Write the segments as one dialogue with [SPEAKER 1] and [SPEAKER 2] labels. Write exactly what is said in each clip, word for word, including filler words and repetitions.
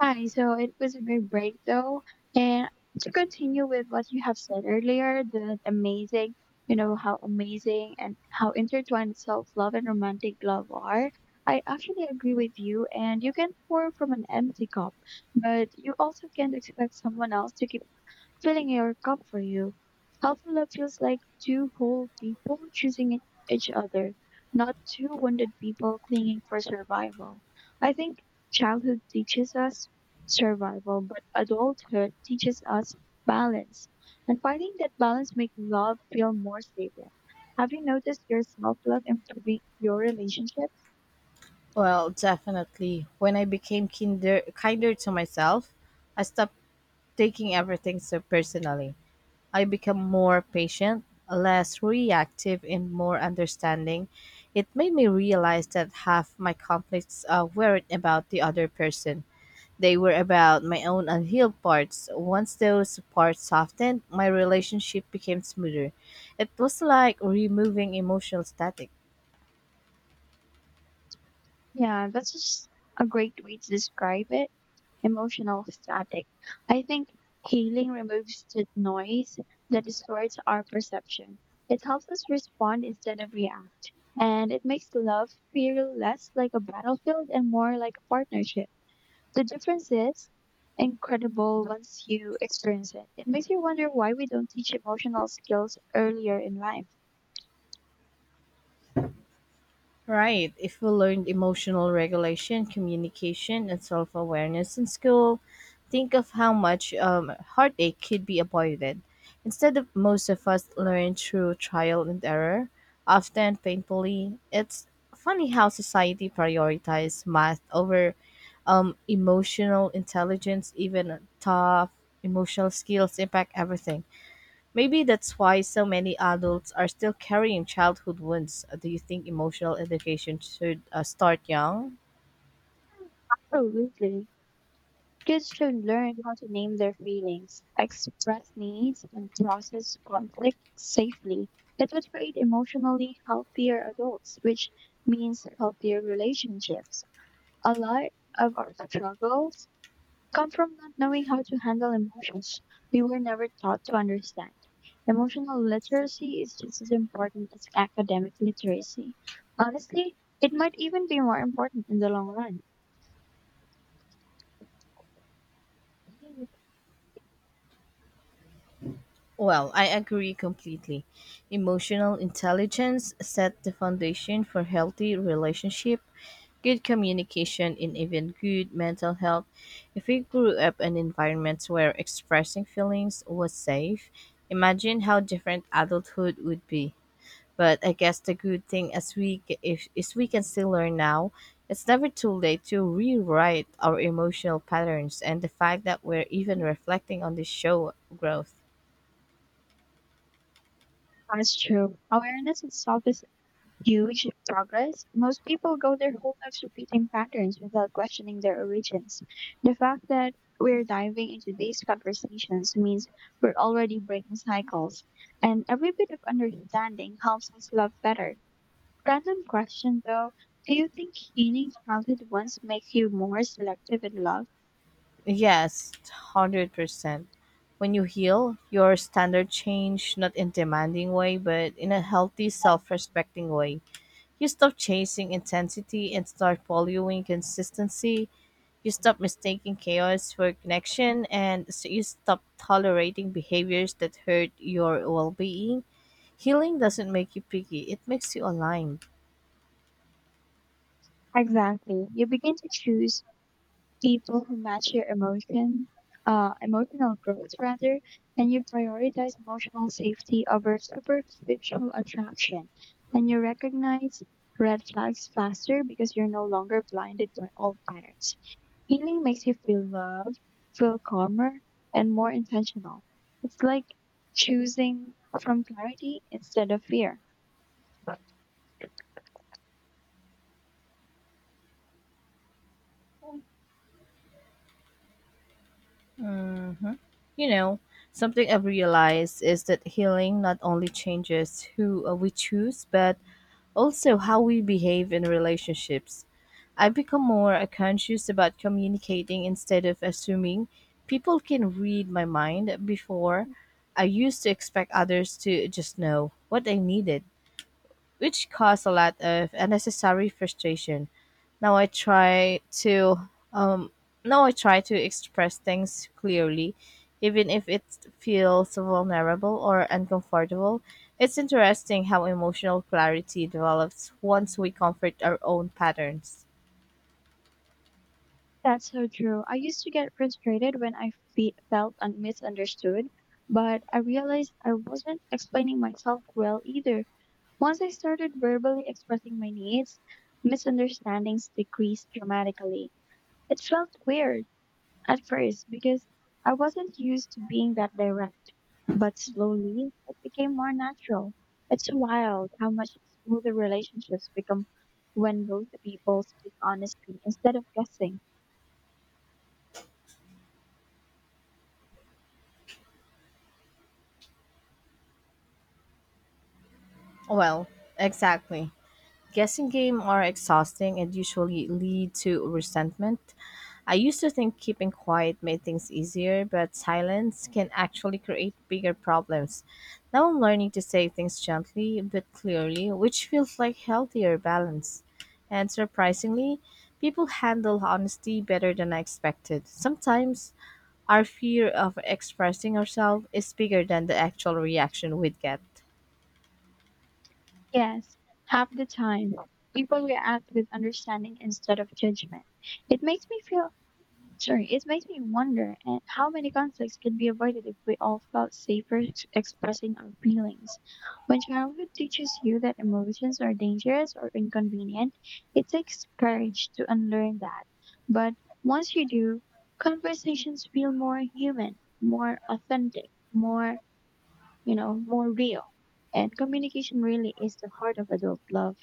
[SPEAKER 1] Hi, so it was a good break though. And to continue with what you have said earlier, that amazing, you know, how amazing and how intertwined self-love and romantic love are. I actually agree with you, and you can pour from an empty cup, but you also can't expect someone else to keep filling your cup for you. Healthy love feels like two whole people choosing e- each other, not two wounded people clinging for survival. I think childhood teaches us survival, but adulthood teaches us balance. And finding that balance makes love feel more stable. Have you noticed your self love improving your relationships?
[SPEAKER 2] Well, definitely. When I became kinder, kinder to myself, I stopped taking everything so personally. I become more patient, less reactive, and more understanding. It made me realize that half my conflicts uh, weren't about the other person. They were about my own unhealed parts. Once those parts softened, my relationship became smoother. It was like removing emotional static.
[SPEAKER 1] Yeah, that's just a great way to describe it. Emotional static. I think healing removes the noise that distorts our perception. It helps us respond instead of react. And it makes love feel less like a battlefield and more like a partnership. The difference is incredible once you experience it. It makes you wonder why we don't teach emotional skills earlier in life.
[SPEAKER 2] Right. If we learned emotional regulation, communication, and self awareness in school, think of how much um, heartache could be avoided. Instead of most of us learn through trial and error, often painfully, it's funny how society prioritizes math over um, emotional intelligence, even tough emotional skills impact everything. Maybe that's why so many adults are still carrying childhood wounds. Uh, Do you think emotional education should uh, start young?
[SPEAKER 1] Absolutely. Kids should learn how to name their feelings, express needs, and process conflict safely. It would create emotionally healthier adults, which means healthier relationships. A lot of our struggles come from not knowing how to handle emotions we were never taught to understand. Emotional literacy is just as important as academic literacy. Honestly, it might even be more important in the long run.
[SPEAKER 2] Well, I agree completely. Emotional intelligence set the foundation for healthy relationship, good communication, and even good mental health. If we grew up in environments where expressing feelings was safe, imagine how different adulthood would be. But I guess the good thing as we ca- if is we can still learn now. It's never too late to rewrite our emotional patterns, and the fact that we're even reflecting on this show growth.
[SPEAKER 1] That's true. Awareness itself is huge progress. Most people go their whole lives repeating patterns without questioning their origins. The fact that we're diving into these conversations means we're already breaking cycles, and every bit of understanding helps us love better. Random question though, do you think healing childhood once makes you more selective in love?
[SPEAKER 2] Yes, one hundred percent. When you heal, your standard change not in demanding way, but in a healthy, self-respecting way. You stop chasing intensity and start valuing consistency. You stop mistaking chaos for connection and so you stop tolerating behaviors that hurt your well-being. Healing doesn't make you picky, it makes you aligned.
[SPEAKER 1] Exactly. You begin to choose people who match your emotion, uh, emotional growth rather, and you prioritize emotional safety over superficial attraction, and you recognize red flags faster because you're no longer blinded by old patterns. Healing makes you feel loved, feel calmer, and more intentional. It's like choosing from clarity instead of fear.
[SPEAKER 2] Mhm. You know, something I've realized is that healing not only changes who uh, we choose, but also how we behave in relationships. I have become more uh, conscious about communicating instead of assuming people can read my mind before I used to expect others to just know what I needed, which caused a lot of unnecessary frustration. Now I try to um now I try to express things clearly, even if it feels vulnerable or uncomfortable. It's interesting how emotional clarity develops once we comfort our own patterns.
[SPEAKER 1] That's so true. I used to get frustrated when I fe- felt un- misunderstood, but I realized I wasn't explaining myself well either. Once I started verbally expressing my needs, misunderstandings decreased dramatically. It felt weird at first because I wasn't used to being that direct, but slowly it became more natural. It's wild how much smoother relationships become when both people speak honestly instead of guessing.
[SPEAKER 2] Well, exactly. Guessing games are exhausting and usually lead to resentment. I used to think keeping quiet made things easier, but silence can actually create bigger problems. Now I'm learning to say things gently but clearly, which feels like healthier balance. And surprisingly, people handle honesty better than I expected. Sometimes our fear of expressing ourselves is bigger than the actual reaction we'd get.
[SPEAKER 1] Yes, half the time people react with understanding instead of judgment. It makes me feel, sorry, it makes me wonder and how many conflicts could be avoided if we all felt safer ex- expressing our feelings. When childhood teaches you that emotions are dangerous or inconvenient, it takes courage to unlearn that. But once you do, conversations feel more human, more authentic, more you know, more real. And communication really is the heart of adult love.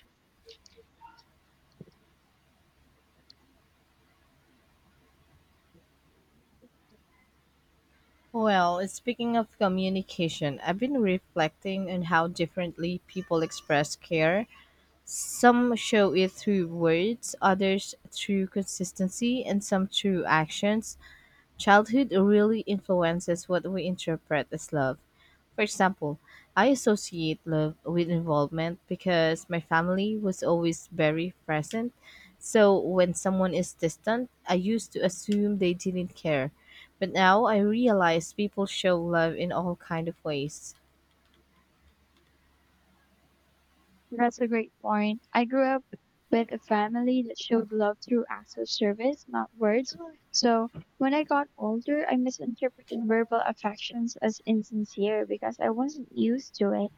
[SPEAKER 2] Well, speaking of communication, I've been reflecting on how differently people express care. Some show it through words, others through consistency, and some through actions. Childhood really influences what we interpret as love. For example, I associate love with involvement because my family was always very present. So when someone is distant, I used to assume they didn't care. But now I realize people show love in all kind of ways.
[SPEAKER 1] That's a great point. I grew up with a family that showed love through acts of service, not words. So when I got older, I misinterpreted verbal affections as insincere because I wasn't used to it.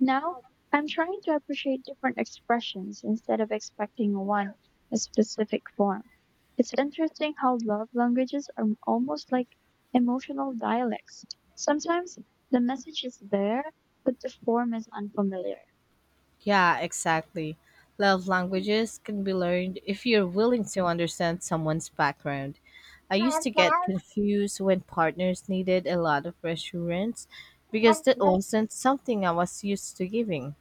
[SPEAKER 1] Now I'm trying to appreciate different expressions instead of expecting one a specific form. It's interesting how love languages are almost like emotional dialects. Sometimes the message is there, but the form is unfamiliar.
[SPEAKER 2] Yeah, exactly. Love languages can be learned if you're willing to understand someone's background. I used to get confused when partners needed a lot of reassurance because that wasn't something I was used to giving.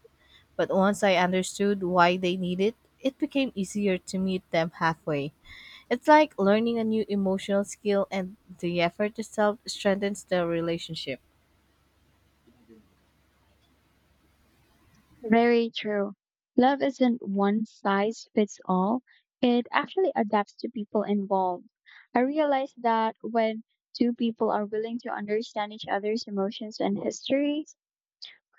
[SPEAKER 2] But once I understood why they need it, it became easier to meet them halfway. It's like learning a new emotional skill, and the effort itself strengthens the relationship.
[SPEAKER 1] Very true. Love isn't one size fits all. It actually adapts to people involved. I realized that when two people are willing to understand each other's emotions and histories,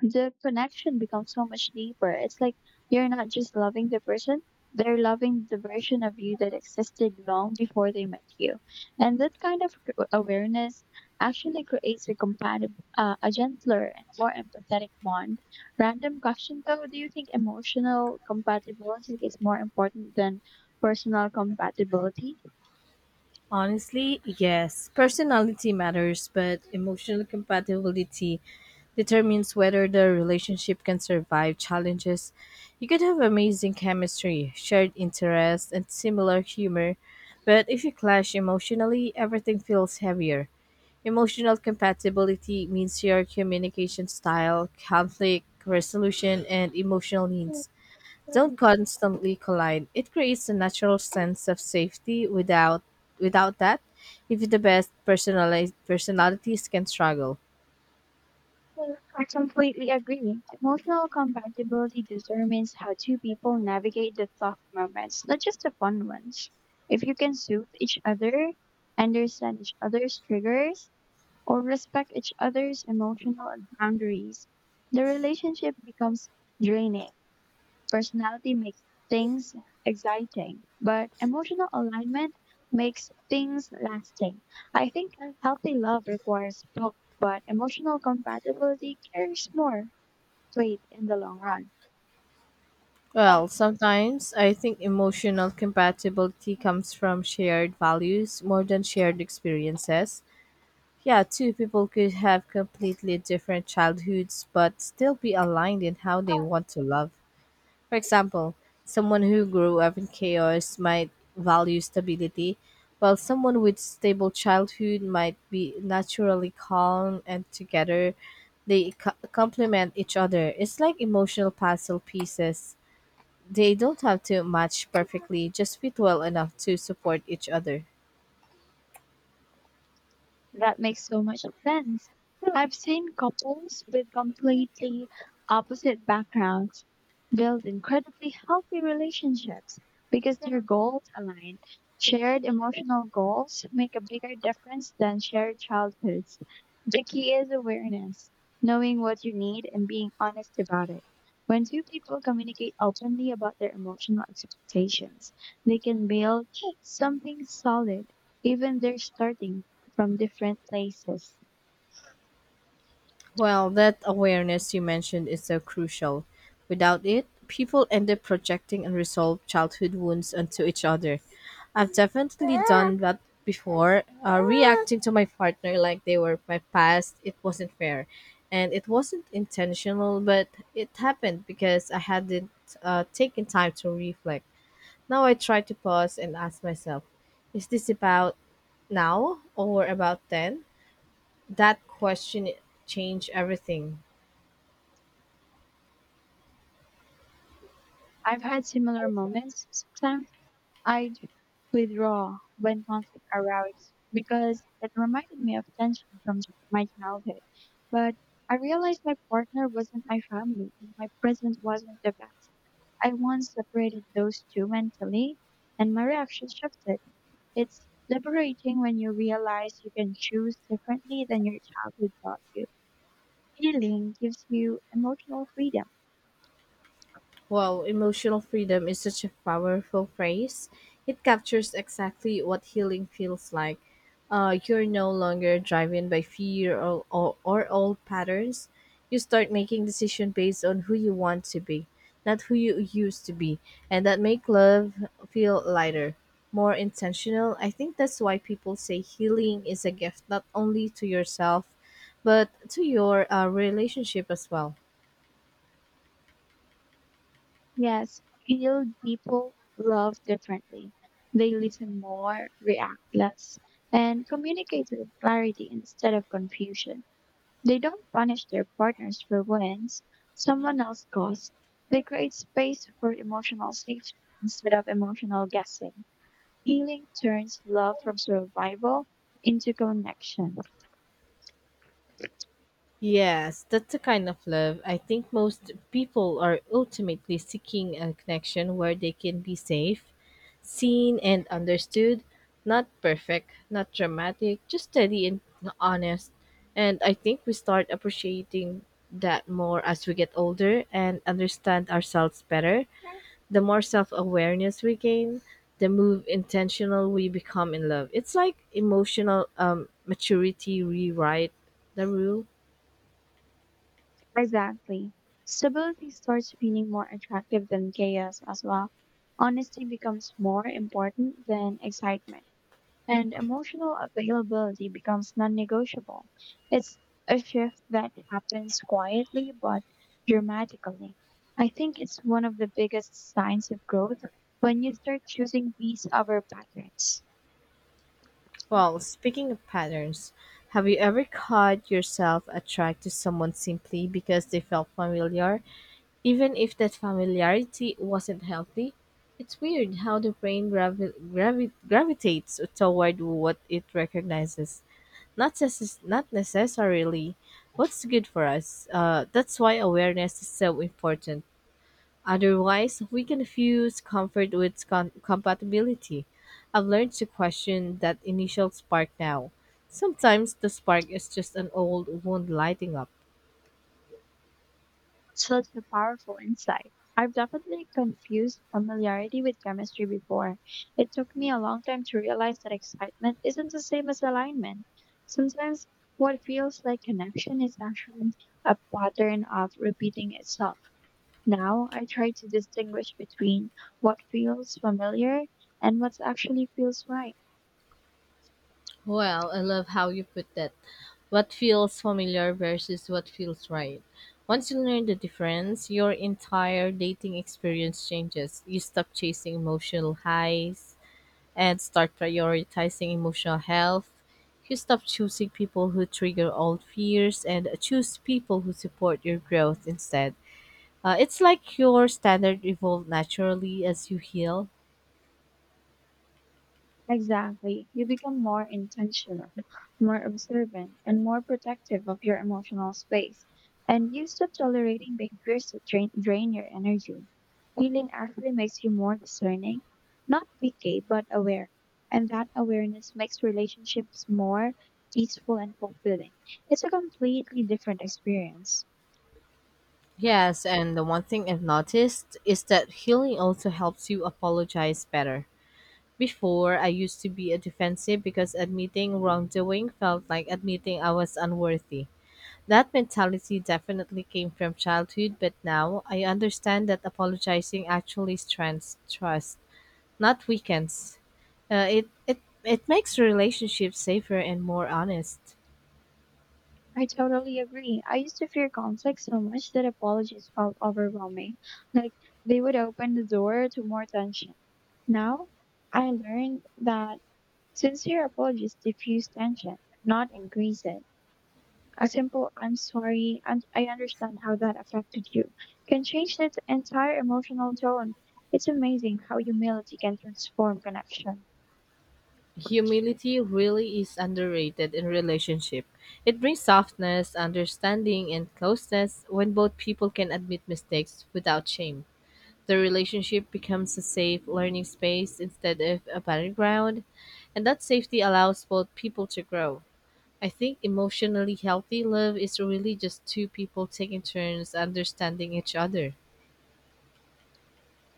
[SPEAKER 1] the connection becomes so much deeper. It's like you're not just loving the person, they're loving the version of you that existed long before they met you. And that kind of c- awareness actually creates a compatible, uh, a gentler and more empathetic bond. Random question though, do you think emotional compatibility is more important than personal compatibility?
[SPEAKER 2] Honestly, yes. Personality matters, but emotional compatibility determines whether the relationship can survive challenges. You could have amazing chemistry, shared interests, and similar humor, but if you clash emotionally, everything feels heavier. Emotional compatibility means your communication style, conflict resolution, and emotional needs don't constantly collide. It creates a natural sense of safety without without that, even the best personali- personalities can struggle.
[SPEAKER 1] Well, I completely agree. Emotional compatibility determines how two people navigate the tough moments, not just the fun ones. If you can soothe each other, understand each other's triggers, or respect each other's emotional boundaries, the relationship becomes draining. Personality makes things exciting, but emotional alignment makes things lasting. I think a healthy love requires both, but emotional compatibility carries more weight in the long run.
[SPEAKER 2] Well, sometimes I think emotional compatibility comes from shared values more than shared experiences. Yeah, two people could have completely different childhoods but still be aligned in how they want to love. For example, someone who grew up in chaos might value stability, while someone with stable childhood might be naturally calm and together they co- complement each other. It's like emotional puzzle pieces. They don't have to match perfectly, just fit well enough to support each other.
[SPEAKER 1] That makes so much sense. I've seen couples with completely opposite backgrounds build incredibly healthy relationships because their goals align. Shared emotional goals make a bigger difference than shared childhoods. The key is awareness, knowing what you need and being honest about it. When two people communicate openly about their emotional expectations, they can build something solid, even they're starting from different places.
[SPEAKER 2] Well, that awareness you mentioned is so crucial. Without it, people end up projecting unresolved childhood wounds onto each other. I've definitely done that before, uh, reacting to my partner like they were my past. It wasn't fair. And it wasn't intentional, but it happened because I hadn't uh, taken time to reflect. Now I try to pause and ask myself, is this about now or about then? That question changed everything.
[SPEAKER 1] I've had similar moments. Sometimes I'd withdraw when conflict arose because it reminded me of tension from ch- my childhood. But I realized my partner wasn't my family and my presence wasn't the best. I once separated those two mentally and my reaction shifted. It's liberating when you realize you can choose differently than your childhood taught you. Healing gives you emotional freedom.
[SPEAKER 2] Wow, emotional freedom is such a powerful phrase. It captures exactly what healing feels like. Uh, you're no longer driven by fear or, or, or old patterns. You start making decisions based on who you want to be, not who you used to be, and that make love feel lighter, more intentional. I think that's why people say healing is a gift not only to yourself, but to your uh, relationship as well.
[SPEAKER 1] Yes, healed people love differently. They listen more, react less, and communicate with clarity instead of confusion. They don't punish their partners for wins someone else caused. They create space for emotional safety instead of emotional guessing. Healing turns love from survival into connection.
[SPEAKER 2] Yes, that's the kind of love. I think most people are ultimately seeking a connection where they can be safe, seen, and understood. Not perfect, not dramatic, just steady and honest. And I think we start appreciating that more as we get older and understand ourselves better. The more self awareness we gain, the more intentional we become in love. It's like emotional um, maturity rewrite the rule.
[SPEAKER 1] Exactly. Stability starts feeling more attractive than chaos as well. Honesty becomes more important than excitement, and emotional availability becomes non negotiable. It's a shift that happens quietly but dramatically. I think it's one of the biggest signs of growth when you start choosing these other patterns.
[SPEAKER 2] Well, speaking of patterns, have you ever caught yourself attracted to someone simply because they felt familiar, even if that familiarity wasn't healthy? It's weird how the brain gravi- gravi- gravitates toward what it recognizes, not necess- not necessarily what's good for us. Uh, that's why awareness is so important. Otherwise, we confuse comfort with com- compatibility. I've learned to question that initial spark now. Sometimes the spark is just an old wound lighting up.
[SPEAKER 1] Such a powerful insight. I've definitely confused familiarity with chemistry before. It took me a long time to realize that excitement isn't the same as alignment. Sometimes what feels like connection is actually a pattern of repeating itself. Now I try to distinguish between what feels familiar and what actually feels right.
[SPEAKER 2] Well, I love how you put that. What feels familiar versus what feels right. Once you learn the difference, your entire dating experience changes. You stop chasing emotional highs and start prioritizing emotional health. You stop choosing people who trigger old fears and choose people who support your growth instead. Uh, it's like your standard evolve naturally as you heal.
[SPEAKER 1] Exactly. You become more intentional, more observant, and more protective of your emotional space. And you stop tolerating behaviors that drain, drain your energy. Healing actually makes you more discerning, not picky, but aware. And that awareness makes relationships more peaceful and fulfilling. It's a completely different experience.
[SPEAKER 2] Yes, and the one thing I've noticed is that healing also helps you apologize better. Before, I used to be a defensive because admitting wrongdoing felt like admitting I was unworthy. That mentality definitely came from childhood, but now I understand that apologizing actually strengthens trust, not weakens. Uh, it, it, it makes relationships safer and more honest.
[SPEAKER 1] I totally agree. I used to fear conflict so much that apologies felt overwhelming. Like they would open the door to more tension. Now, I learned that sincere apologies diffuse tension, not increase it. A simple "I'm sorry" and "I understand how that affected you" can change the entire emotional tone. It's amazing how humility can transform connection.
[SPEAKER 2] Humility really is underrated in relationship. It brings softness, understanding, and closeness when both people can admit mistakes without shame. The relationship becomes a safe learning space instead of a battleground, and that safety allows both people to grow. I think emotionally healthy love is really just two people taking turns understanding each other.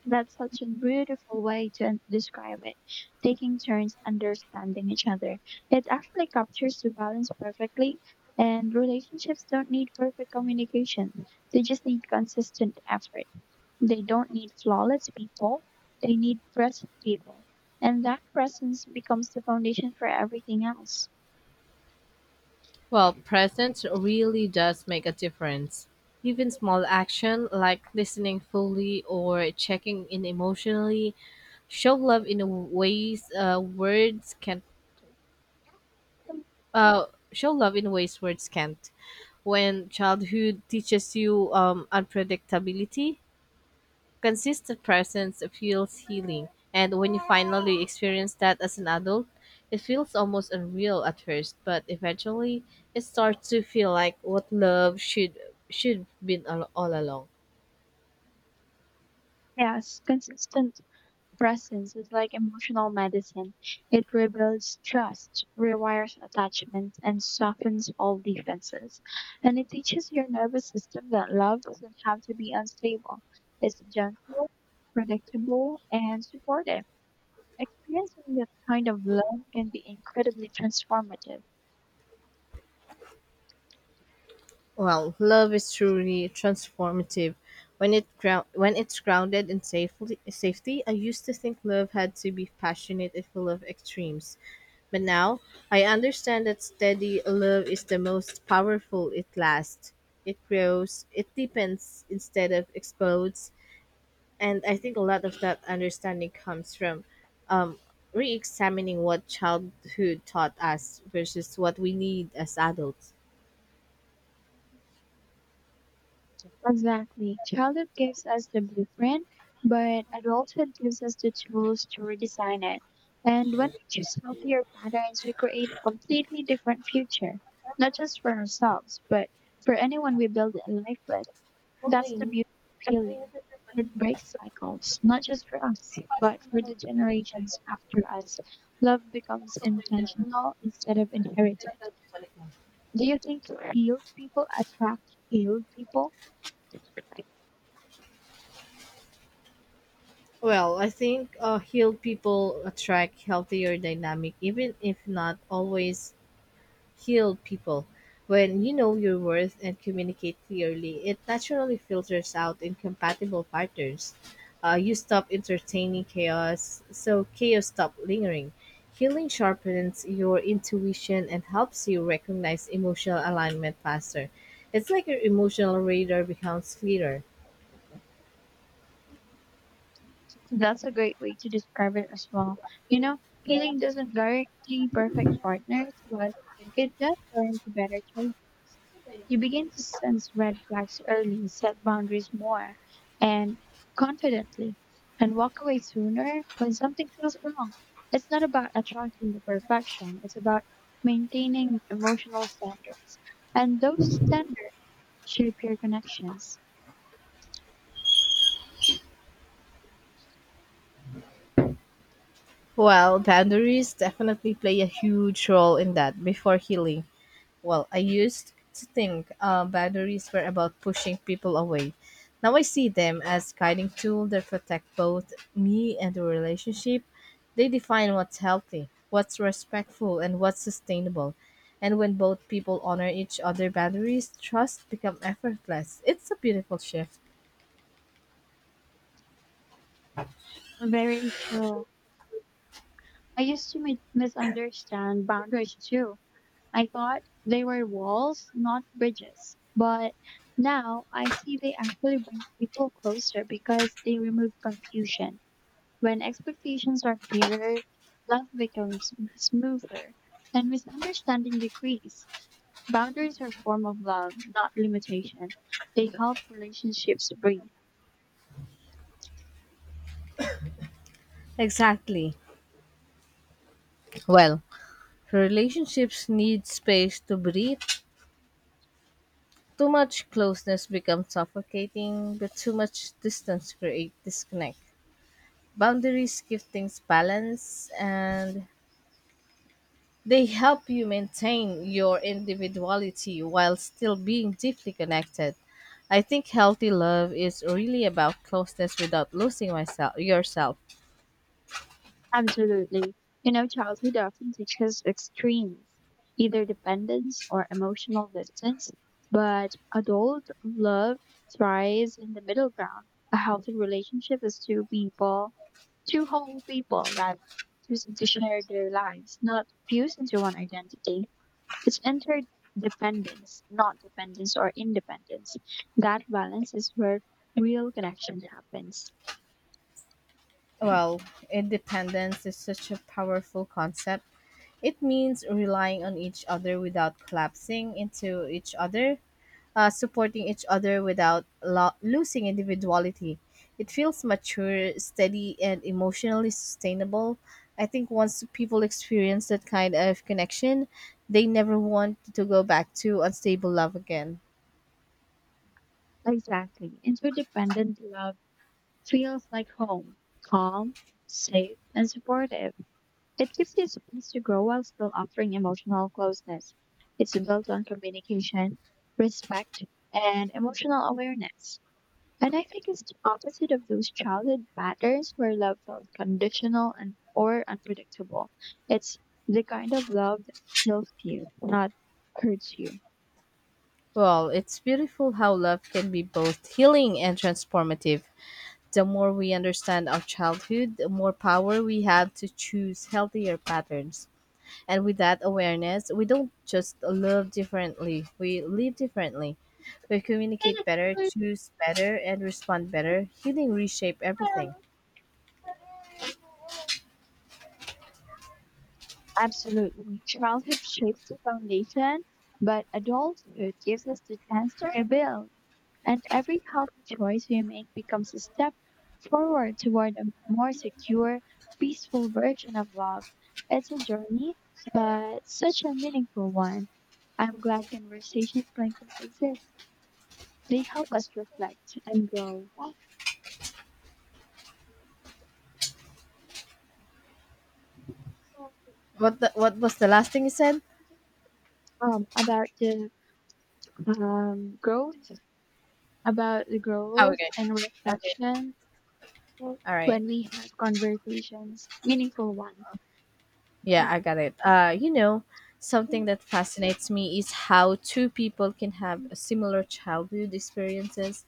[SPEAKER 1] That's such a beautiful way to en- describe it, taking turns understanding each other. It actually captures the balance perfectly, and relationships don't need perfect communication. They just need consistent effort. They don't need flawless people, they need present people. And that presence becomes the foundation for everything else.
[SPEAKER 2] Well, presence really does make a difference. Even small action like listening fully or checking in emotionally show love in a ways uh, words can't. Uh, Show love in ways words can't. When childhood teaches you um, unpredictability, consistent presence feels healing, and when you finally experience that as an adult, it feels almost unreal at first, but eventually it starts to feel like what love should should been all, all along.
[SPEAKER 1] Yes, consistent presence is like emotional medicine. It rebuilds trust, rewires attachments, and softens all defenses. And it teaches your nervous system that love doesn't have to be unstable. It's gentle, predictable, and supportive. Experiencing that kind of love can be incredibly transformative.
[SPEAKER 2] Well, love is truly transformative. When it ground when it's grounded in safely safety, I used to think love had to be passionate and full of extremes. But now I understand that steady love is the most powerful. It lasts, it grows, it deepens instead of explodes. And I think a lot of that understanding comes from um, re examining what childhood taught us versus what we need as adults.
[SPEAKER 1] Exactly. Childhood gives us the blueprint, but adulthood gives us the tools to redesign it. And when we choose healthier patterns, we create a completely different future, not just for ourselves, but for anyone we build a life with. That's the beauty of healing. It breaks cycles, not just for us, but for the generations after us. Love becomes intentional instead of inherited. Do you think healed people attract healed people?
[SPEAKER 2] Well, I think uh, healed people attract healthier dynamic, even if not always heal people. When you know your worth and communicate clearly, it naturally filters out incompatible partners. Uh, you stop entertaining chaos, so chaos stop lingering. Healing sharpens your intuition and helps you recognize emotional alignment faster. It's like your emotional radar becomes clearer.
[SPEAKER 1] That's a great way to describe it as well. You know, healing doesn't guarantee perfect partners, but it does guarantee better choices. You begin to sense red flags early, set boundaries more and confidently, and walk away sooner when something feels wrong. It's not about attracting the perfection, it's about maintaining emotional standards. And those standards shape your connections.
[SPEAKER 2] Well, boundaries definitely play a huge role in that before healing. Well, I used to think uh, boundaries were about pushing people away. Now I see them as guiding tools that protect both me and the relationship. They define what's healthy, what's respectful, and what's sustainable. And when both people honor each other boundaries, trust become effortless. It's a beautiful shift.
[SPEAKER 1] Very true. I used to mi- misunderstand boundaries too. I thought they were walls, not bridges. But now I see they actually bring people closer because they remove confusion. When expectations are clearer, love becomes sm- smoother and misunderstanding decrease. Boundaries are a form of love, not limitation. They help relationships breathe.
[SPEAKER 2] Exactly. Well, relationships need space to breathe. Too much closeness becomes suffocating, but too much distance creates disconnect. Boundaries give things balance and they help you maintain your individuality while still being deeply connected. I think healthy love is really about closeness without losing myself yourself.
[SPEAKER 1] Absolutely. You know, childhood often teaches extremes, either dependence or emotional distance, but adult love thrives in the middle ground. A healthy relationship is two people, two whole people, rather, choosing to share their lives, not fused into one identity. It's interdependence, not dependence or independence. That balance is where real connection happens.
[SPEAKER 2] Well, independence is such a powerful concept. It means relying on each other without collapsing into each other, uh, supporting each other without lo- losing individuality. It feels mature, steady, and emotionally sustainable. I think once people experience that kind of connection, they never want to go back to unstable love again.
[SPEAKER 1] Exactly. Interdependent love feels like home, calm, safe, and supportive. It gives you space to grow while still offering emotional closeness. It's built on communication, respect, and emotional awareness. And I think it's the opposite of those childhood patterns where love felt conditional and or unpredictable. It's the kind of love that heals you, not hurts you.
[SPEAKER 2] Well, it's beautiful how love can be both healing and transformative. The more we understand our childhood, the more power we have to choose healthier patterns. And with that awareness, we don't just live differently, we live differently. We communicate better, choose better, and respond better. Healing reshape everything.
[SPEAKER 1] Absolutely. Childhood shapes the foundation, but adulthood gives us the chance to rebuild. And every health choice we make becomes a step forward toward a more secure, peaceful version of love. It's a journey, but such a meaningful one. I'm glad conversations like that exist. They help us reflect and grow.
[SPEAKER 2] What the, what was the last thing you said?
[SPEAKER 1] Um, about the um, growth, about the
[SPEAKER 2] Oh,
[SPEAKER 1] growth
[SPEAKER 2] okay.
[SPEAKER 1] and
[SPEAKER 2] Okay.
[SPEAKER 1] reflection
[SPEAKER 2] All right.
[SPEAKER 1] when we have conversations, meaningful one.
[SPEAKER 2] Yeah, I got it. Uh, you know, something that fascinates me is how two people can have a similar childhood experiences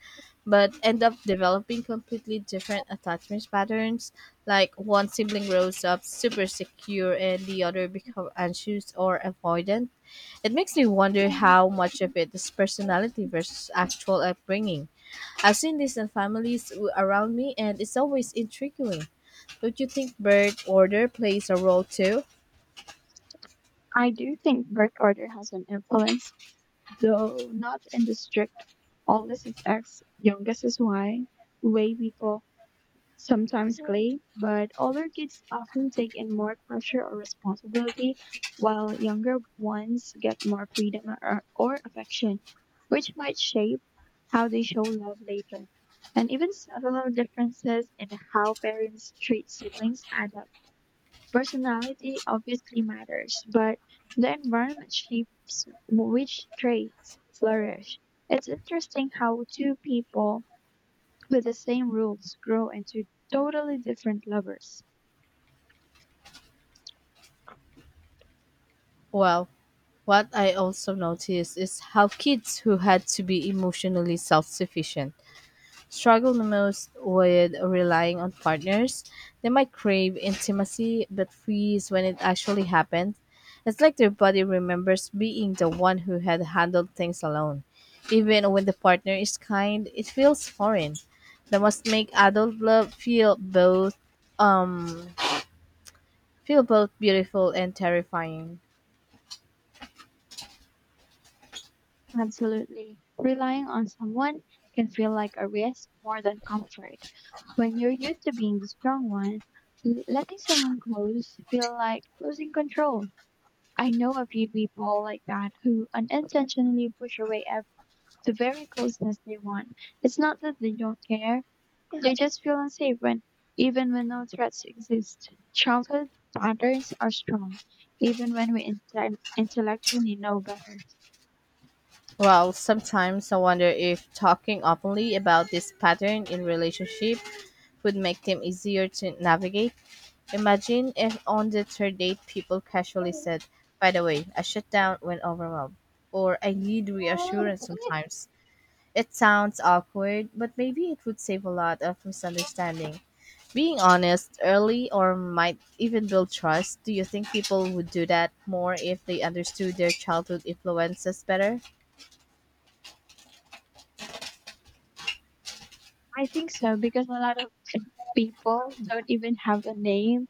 [SPEAKER 2] but end up developing completely different attachment patterns. Like one sibling grows up super secure and the other become anxious or avoidant. It makes me wonder how much of it is personality versus actual upbringing. I've seen this in families w- around me and it's always intriguing. Don't you think birth order plays a role too?
[SPEAKER 1] I do think birth order has an influence, though not in the strict oldest is X, youngest is Y way people sometimes play, but older kids often take in more pressure or responsibility, while younger ones get more freedom or, or affection, which might shape how they show love later. And even subtle differences in how parents treat siblings add up. Personality obviously matters, but the environment shapes which traits flourish. It's interesting how two people with the same rules grow into totally different lovers.
[SPEAKER 2] Well, what I also noticed is how kids who had to be emotionally self sufficient struggle the most with relying on partners. They might crave intimacy but freeze when it actually happens. It's like their body remembers being the one who had handled things alone. Even when the partner is kind, it feels foreign. That must make adult love feel both um feel both beautiful and terrifying.
[SPEAKER 1] Absolutely. Relying on someone can feel like a risk more than comfort. When you're used to being the strong one, l- letting someone close feel like losing control. I know a few people like that who unintentionally push away ev- the very closeness they want. It's not that they don't care, they just feel unsafe when, even when no threats exist. Childhood patterns are strong, even when we inte- intellectually know better.
[SPEAKER 2] Well, sometimes I wonder if talking openly about this pattern in relationship would make them easier to navigate. Imagine if on the third date people casually said, "By the way, I shut down when overwhelmed," or "I need reassurance sometimes." It sounds awkward, but maybe it would save a lot of misunderstanding. Being honest early or might even build trust. Do you think people would do that more if they understood their childhood influences better?
[SPEAKER 1] I think so because a lot of people don't even have a name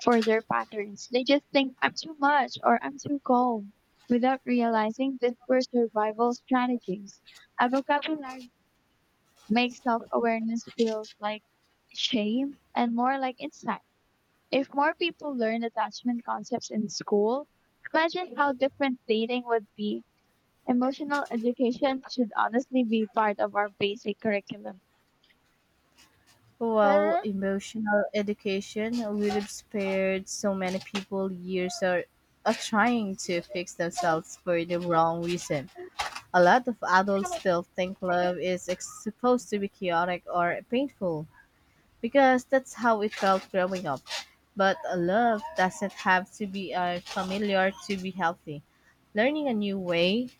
[SPEAKER 1] for their patterns. They just think I'm too much or I'm too cold without realizing that were survival strategies. A vocabulary makes self awareness feels like shame and more like insight. If more people learn attachment concepts in school, imagine how different dating would be. Emotional education should honestly be part of our basic curriculum.
[SPEAKER 2] Well, emotional education would have spared so many people years of, of trying to fix themselves for the wrong reason. A lot of adults still think love is ex- supposed to be chaotic or painful because that's how it felt growing up. But a love doesn't have to be uh, familiar to be healthy. Learning a new way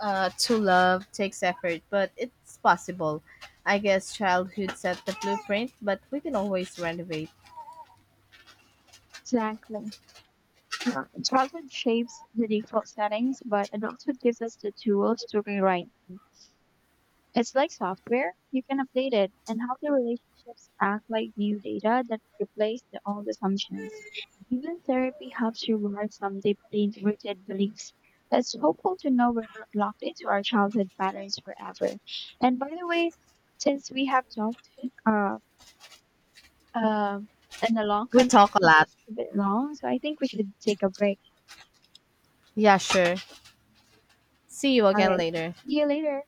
[SPEAKER 2] uh, to love takes effort, but it's possible. I guess childhood set the blueprint, but we can always renovate.
[SPEAKER 1] Exactly. Childhood shapes the default settings, but adulthood gives us the tools to rewrite. It's like software, you can update it, and healthy relationships act like new data that replace the old assumptions. Even therapy helps reward some deeply rooted beliefs. It's hopeful to know we're not locked into our childhood patterns forever. And by the way, since we have talked uh, uh, in a long
[SPEAKER 2] We
[SPEAKER 1] conversation,
[SPEAKER 2] talk a lot.
[SPEAKER 1] it's a bit long, so I think we should take a break.
[SPEAKER 2] Yeah, sure. See you
[SPEAKER 1] All
[SPEAKER 2] again
[SPEAKER 1] right,
[SPEAKER 2] later.
[SPEAKER 1] see you later.